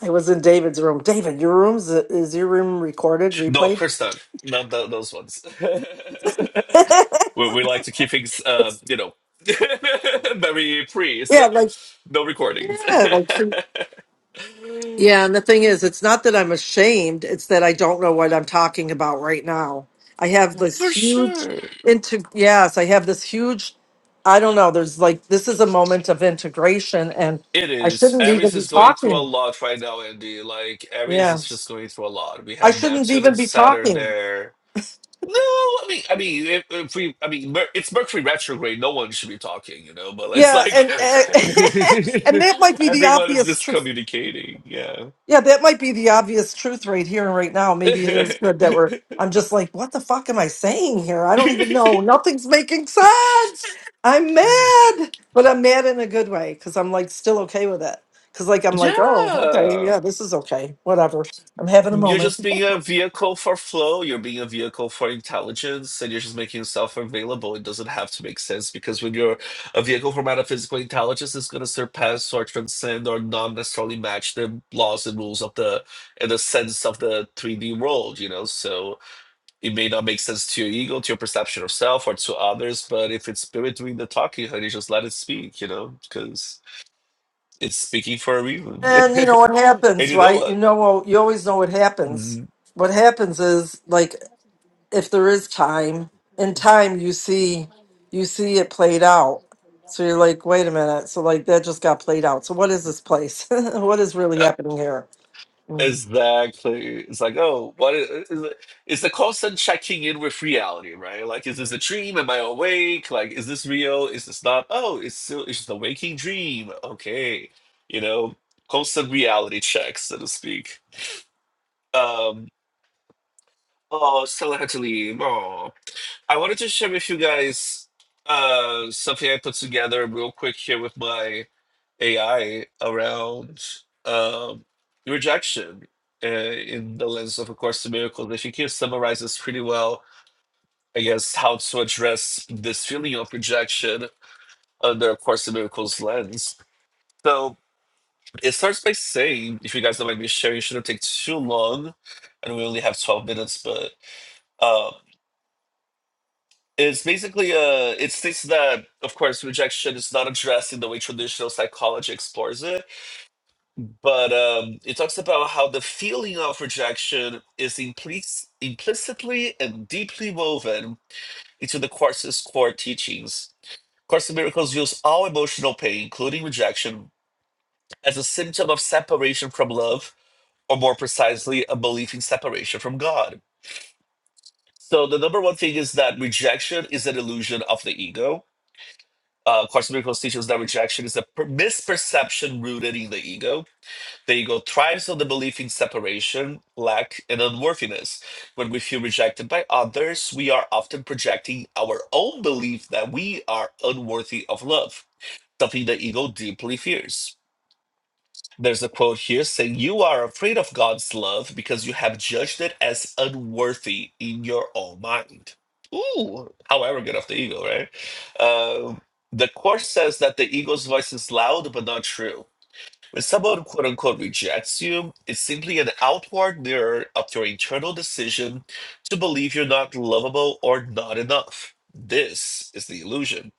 D: I was in David's room. David, your room's is your room recorded,
C: no, of
D: replayed?
C: course not. Not tho- those ones.
D: *laughs* yeah,
C: *laughs* we, we like to keep things, uh, you know, *laughs* very free, so
D: like
C: no recordings.
D: yeah, like so- yeah. And the thing is, it's not that I'm ashamed; it's that I don't know what I'm talking about right now. I have
C: *laughs*
D: this
C: For
D: huge
C: sure.
D: into yes, I have this huge. I don't know. There's like this is a moment of integration, and
C: It
D: I
C: is.
D: shouldn't even
C: Aries
D: be
C: is going through a
D: talking.
C: lot right now, Andy. Like, Aries
D: Yeah,
C: is just going through a lot. We
D: I
C: have
D: shouldn't
C: Neptune
D: even
C: and
D: be
C: Saturn
D: talking.
C: there. No, I mean, I mean, if, if we, I mean, Mer- it's Mercury retrograde. No one should be talking, you know. But it's
D: Yeah,
C: like
D: and and,
C: *laughs*
D: *laughs* and that might be the
C: everyone is
D: obvious truth.
C: miscommunicating. Yeah.
D: Yeah, that might be the obvious truth right here and right now. Maybe it is good that we're. I'm just like, what the fuck am I saying here? I don't even
C: *laughs*
D: know. Nothing's making sense. I'm mad, but I'm mad in a good way because I'm like still okay with it. Because like I'm like, oh, okay,
C: yeah.
D: yeah, this is okay, whatever. I'm having a
C: You're
D: moment,
C: just being a vehicle for flow, you're being a vehicle for intelligence, and you're just making yourself available. It doesn't have to make sense because when you're a vehicle for metaphysical intelligence, it's going to surpass or transcend or not necessarily match the laws and rules of the and the sense of the 3D world, you know? So it may not make sense to your ego, to your perception of self, or to others, but if it's spirit doing the talking, honey, just let it speak, you know? Because it's speaking for a reason. *laughs*
D: and you know what
C: and
D: happens,
C: you know
D: right? You
C: what?
D: know, you always know what happens.
C: Mhm.
D: What happens is like if there is time in time you see you see it played out so you're like wait a minute so like that just got played out so what is this place *laughs* what is really happening here
C: Exactly. It's like, oh, what is, is it? Is the constant checking in with reality, right? Like, is this a dream? Am I awake? Like, is this real? Is this not? Oh, it's still, it's just a waking dream. Okay. You know, constant reality checks, so to speak. Um, oh, Stella had to leave. Oh, I wanted to share with you guys uh, something I put together real quick here with my AI around um, rejection uh, in the lens of A Course in Miracles. I think it summarizes pretty well, I guess, how to address this feeling of rejection under A Course in Miracles lens. So it starts by saying, if you guys don't mind me sharing, it shouldn't take too long, and we only have 12 minutes, but. Um, It's basically uh it states that of course rejection is not addressed in the way traditional psychology explores it, but um, it talks about how the feeling of rejection is implic- implicitly and deeply woven into the course's core teachings. Course in Miracles views all emotional pain, including rejection, as a symptom of separation from love, or more precisely, a belief in separation from God. So the number one thing is that rejection is an illusion of the ego Uh, Course in Miracles teaches that rejection is a per- misperception rooted in the ego. The ego thrives on the belief in separation, lack, and unworthiness. When we feel rejected by others, we are often projecting our own belief that we are unworthy of love, something the ego deeply fears. There's a quote here saying, You are afraid of God's love because you have judged it as unworthy in your own mind. Ooh, how arrogant of the ego, right? Um, the course says that the ego's voice is loud but not true. When someone quote unquote rejects you, it's simply an outward mirror of your internal decision to believe you're not lovable or not enough. This is the illusion.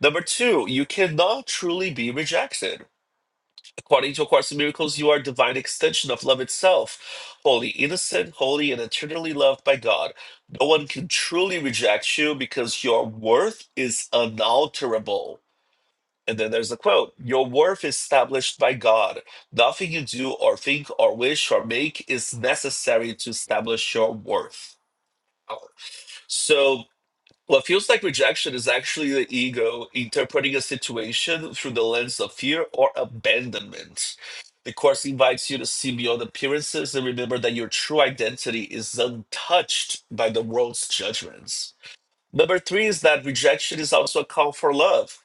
C: Number two, you cannot truly be rejected. According to A Course in Miracles, you are a divine extension of love itself, holy, innocent, holy, and eternally loved by God. No one can truly reject you because your worth is unalterable. And then there's the quote Your worth is established by God. Nothing you do or think or wish or make is necessary to establish your worth. So. Well, it feels like rejection is actually the ego interpreting a situation through the lens of fear or abandonment. The Course invites you to see beyond appearances and remember that your true identity is untouched by the world's judgments. Number three is that rejection is also a call for love.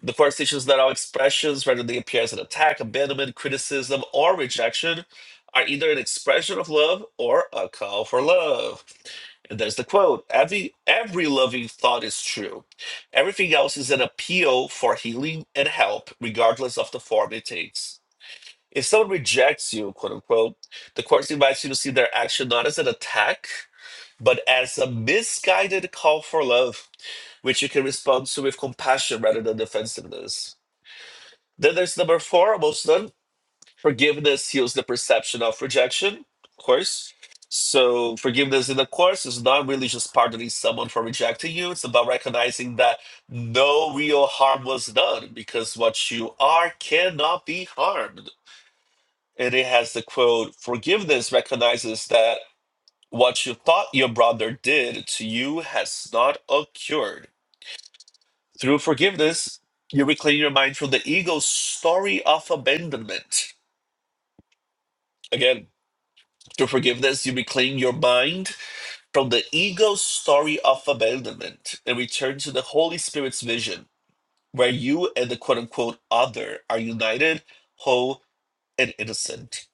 C: The Course teaches that all expressions, whether they appear as an attack, abandonment, criticism, or rejection, are either an expression of love or a call for love. There's the quote. Every every loving thought is true. Everything else is an appeal for healing and help, regardless of the form it takes. If someone rejects you, quote unquote, the course invites you to see their action not as an attack, but as a misguided call for love, which you can respond to with compassion rather than defensiveness. Then there's number four, most Forgiveness heals the perception of rejection, of course. So, forgiveness in the course is not really just pardoning someone for rejecting you. It's about recognizing that no real harm was done because what you are cannot be harmed. And it has the quote Forgiveness recognizes that what you thought your brother did to you has not occurred. Through forgiveness, you reclaim your mind from the ego's story of abandonment. Again, Through forgiveness, you reclaim your mind from the ego's story of abandonment and return to the Holy Spirit's vision, where you and the quote unquote other are united, whole, and innocent.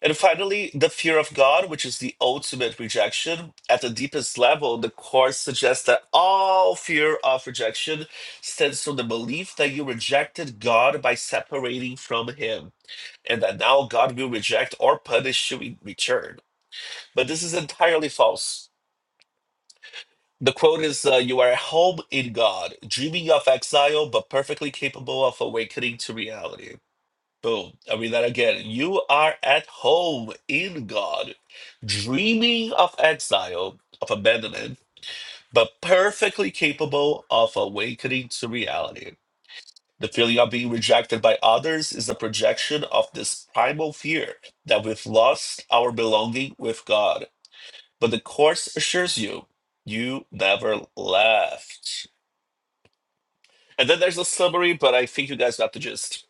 C: And finally, the fear of God, which is the ultimate rejection. At the deepest level, the Course suggests that all fear of rejection stems from the belief that you rejected God by separating from Him, and that now God will reject or punish you in return. But this is entirely false. The quote is uh, You are at home in God, dreaming of exile, but perfectly capable of awakening to reality. Boom. I read that again. You are at home in God, dreaming of exile, of abandonment, but perfectly capable of awakening to reality. The feeling of being rejected by others is a projection of this primal fear that we've lost our belonging with God. but the course assures you you never left. And then there's a summary, but I think you guys got the gist.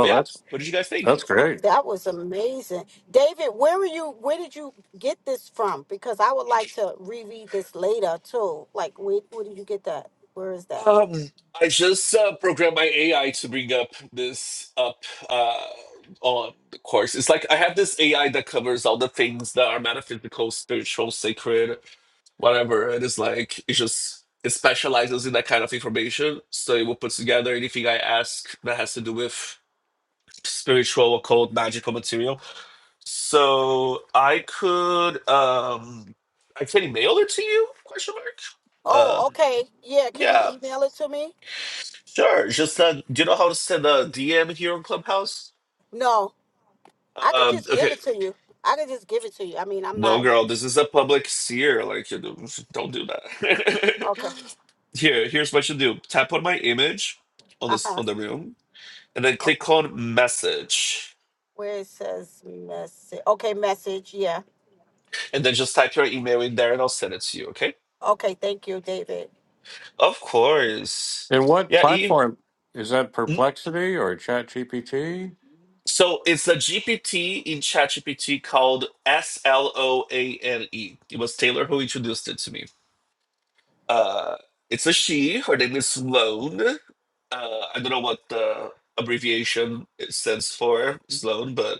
C: But yeah,
A: that's
C: what did you guys think?
A: that's great.
E: That was amazing. David, where were you where did you get this from? Because I would like to reread this later too. Like where where did you get that? Where is that?
C: Um, I just uh, programmed my AI to bring up this up uh, on the course. It's like I have this AI that covers all the things that are metaphysical, spiritual, sacred, whatever. And It is like it just it specializes in that kind of information, so it will put together anything I ask that has to do with spiritual, occult, magical material So I could um I can mail it to you? Question mark.
E: Oh,
C: Um
E: okay. Yeah, can you
C: yeah,
E: email it to me?
C: sure. Just uh, do you know how to send a DM here on Clubhouse?
E: No. I could
C: Um
E: just give
C: okay.
E: it to you. I could just give it to you. I mean, I'm
C: No
E: not
C: girl, this is a public seer. Like you do don't do
E: okay.
C: that. *laughs* here, here's what you do. Tap on my image on this
E: Uh-huh.
C: on the room and then
E: Oh,
C: click on message.
E: Where it says message. Okay, message. Yeah.
C: And then just type your email in there and I'll send it to you, okay?
E: Okay. Thank you, David.
C: Of course.
A: And what
C: Yeah, Eve.
A: platform is that? Perplexity or ChatGPT?
C: So it's a GPT in ChatGPT called S L O A N E. It was Taylor who introduced it to me. Uh, it's a she. Her name is Sloan. Uh, I don't know what the abbreviation it stands for, Sloan, but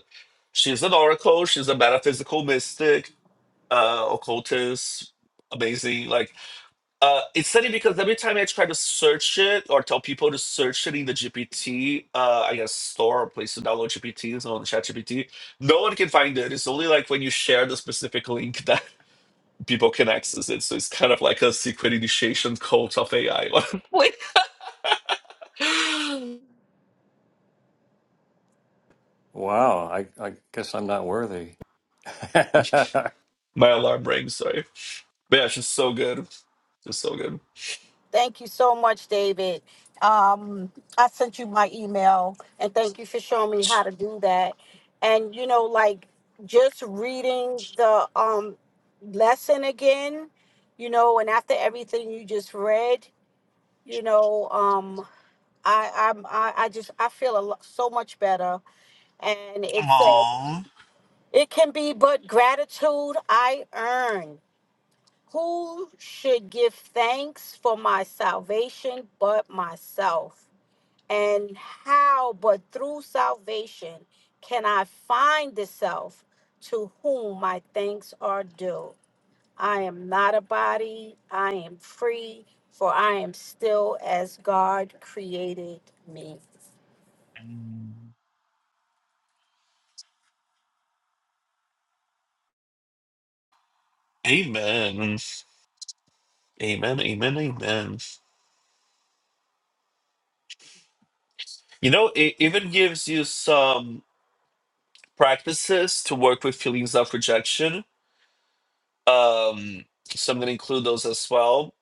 C: she's an oracle. She's a metaphysical mystic, uh, occultist, amazing. Like uh, it's funny because every time I try to search it or tell people to search it in the GPT, uh, I guess store or place to download GPTs on ChatGPT, no one can find it. It's only like when you share the specific link that *laughs* people can access it. So it's kind of like a secret initiation code of AI. *laughs* Wait.
A: Wow, I, I guess I'm not worthy. *laughs* oh,
C: My alarm rang, sorry. But yeah, she's so good. She's so good.
E: Thank you so much, David. Um, I sent you my email, and thank you for showing me how to do that. And you know, like just reading the um lesson again, you know, and after everything you just read, you know, um, I I'm I, I just I feel a lot, so much better. And it says.
C: Aww.
E: It can be but gratitude I earn. Who should give thanks for my salvation but myself? And how but through salvation can I find the self to whom my thanks are due? I am not a body, I am free, for I am still as God created me.
C: Amen. Amen. Amen. Amen. You know, it even gives you some. practices to work with feelings of rejection. Um, so I'm going to include those as well.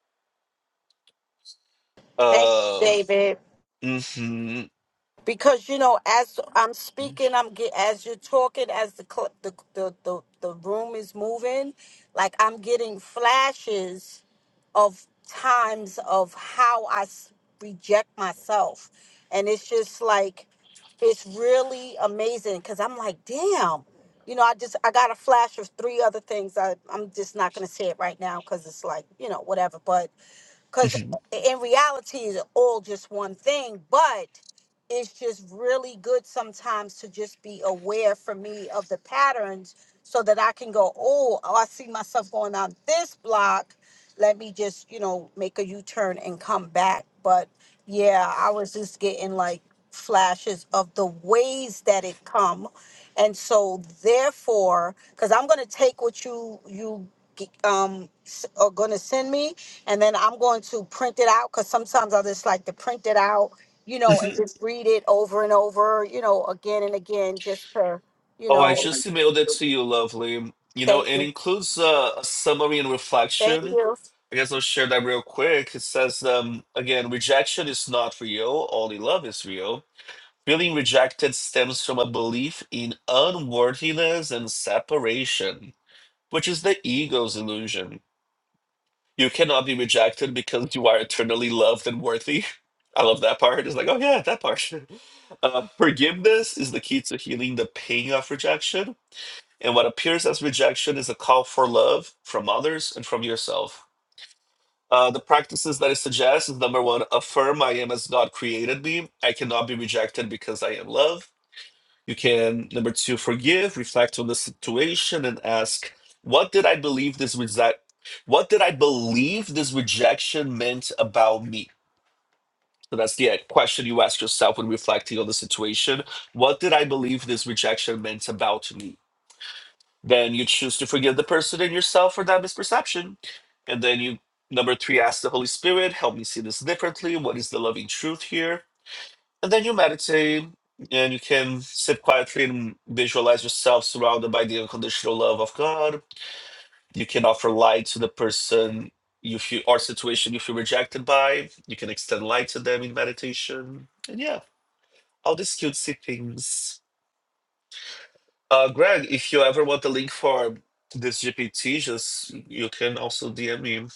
E: Thank you,
C: Um,
E: David.
C: mhm,
E: because you know as i'm speaking i'm get as you're talking as the cl- the, the the the room is moving like i'm getting flashes of times of how i s- reject myself and it's just like it's really amazing because i'm like damn you know i just i got a flash of three other things I, i'm just not going to say it right now because it's like you know whatever but because
C: mhm,
E: in reality it's all just one thing but it's just really good sometimes to just be aware for me of the patterns so that i can go oh, oh i see myself going on this block let me just you know make a u-turn and come back but yeah i was just getting like flashes of the ways that it come and so therefore because i'm going to take what you you um s- are going to send me and then I'm going to print it out because sometimes I just like to print it out, you know, and
C: mhm.
E: just read it over and over, you know, again and again, just to, you
C: Oh, I
E: know,
C: just emailed it to you, lovely. You know,
E: thank
C: it
E: you,
C: includes uh, a summary and
E: thank
C: reflection.
E: you,
C: I guess I'll share that real quick. It says, um, again, rejection is not real, only love is real. Feeling rejected stems from a belief in unworthiness and separation, which is the ego's illusion. You cannot be rejected because you are eternally loved and worthy. *laughs* I love that part. It's like, oh yeah, that part. *laughs* Uh, forgiveness is the key to healing the pain of rejection, and what appears as rejection is a call for love from others and from yourself. Uh, the practices that it suggests is number one, affirm I am as God created me. I cannot be rejected because I am love. You can, number two, forgive, reflect on the situation, and ask, what did I believe this resi- what did I believe this rejection meant about me? So that's the uh, question you ask yourself when reflecting on the situation. What did I believe this rejection meant about me? Then you choose to forgive the person and yourself for that misperception. And then you number three, ask the Holy Spirit, help me see this differently. What is the loving truth here? And then you meditate and you can sit quietly and visualize yourself surrounded by the unconditional love of God. You can offer light to the person you feel or situation you feel rejected by. You can extend light to them in meditation. And yeah, all these cutesy things. Uh Greg, if you ever want the link for this GPT, just you can also DM me.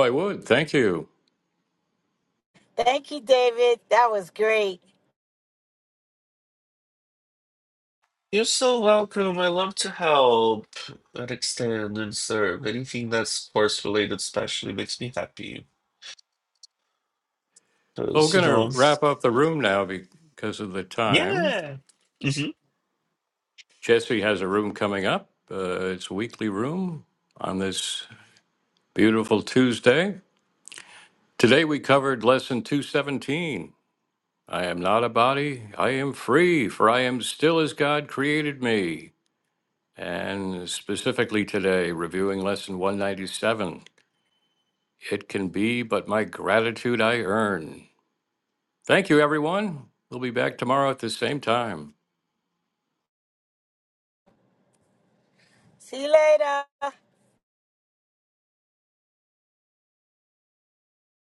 A: I would. Thank you.
E: thank you, David. That was great.
C: You're so welcome. I love to help and extend and serve. Anything that's course related especially makes me happy.
A: Well, we're
C: Because, you
A: going to
C: know,
A: wrap up the room now because of the time.
C: yeah. Mhm.
A: Jesse has a room coming up. Uh, it's a weekly room on this beautiful Tuesday. Today we covered lesson 217. I am not a body, I am free, for I am still as God created me. And specifically today, reviewing lesson 197 It can be but my gratitude I earn. Thank you, everyone. We'll be back tomorrow at the same time.
E: See you later.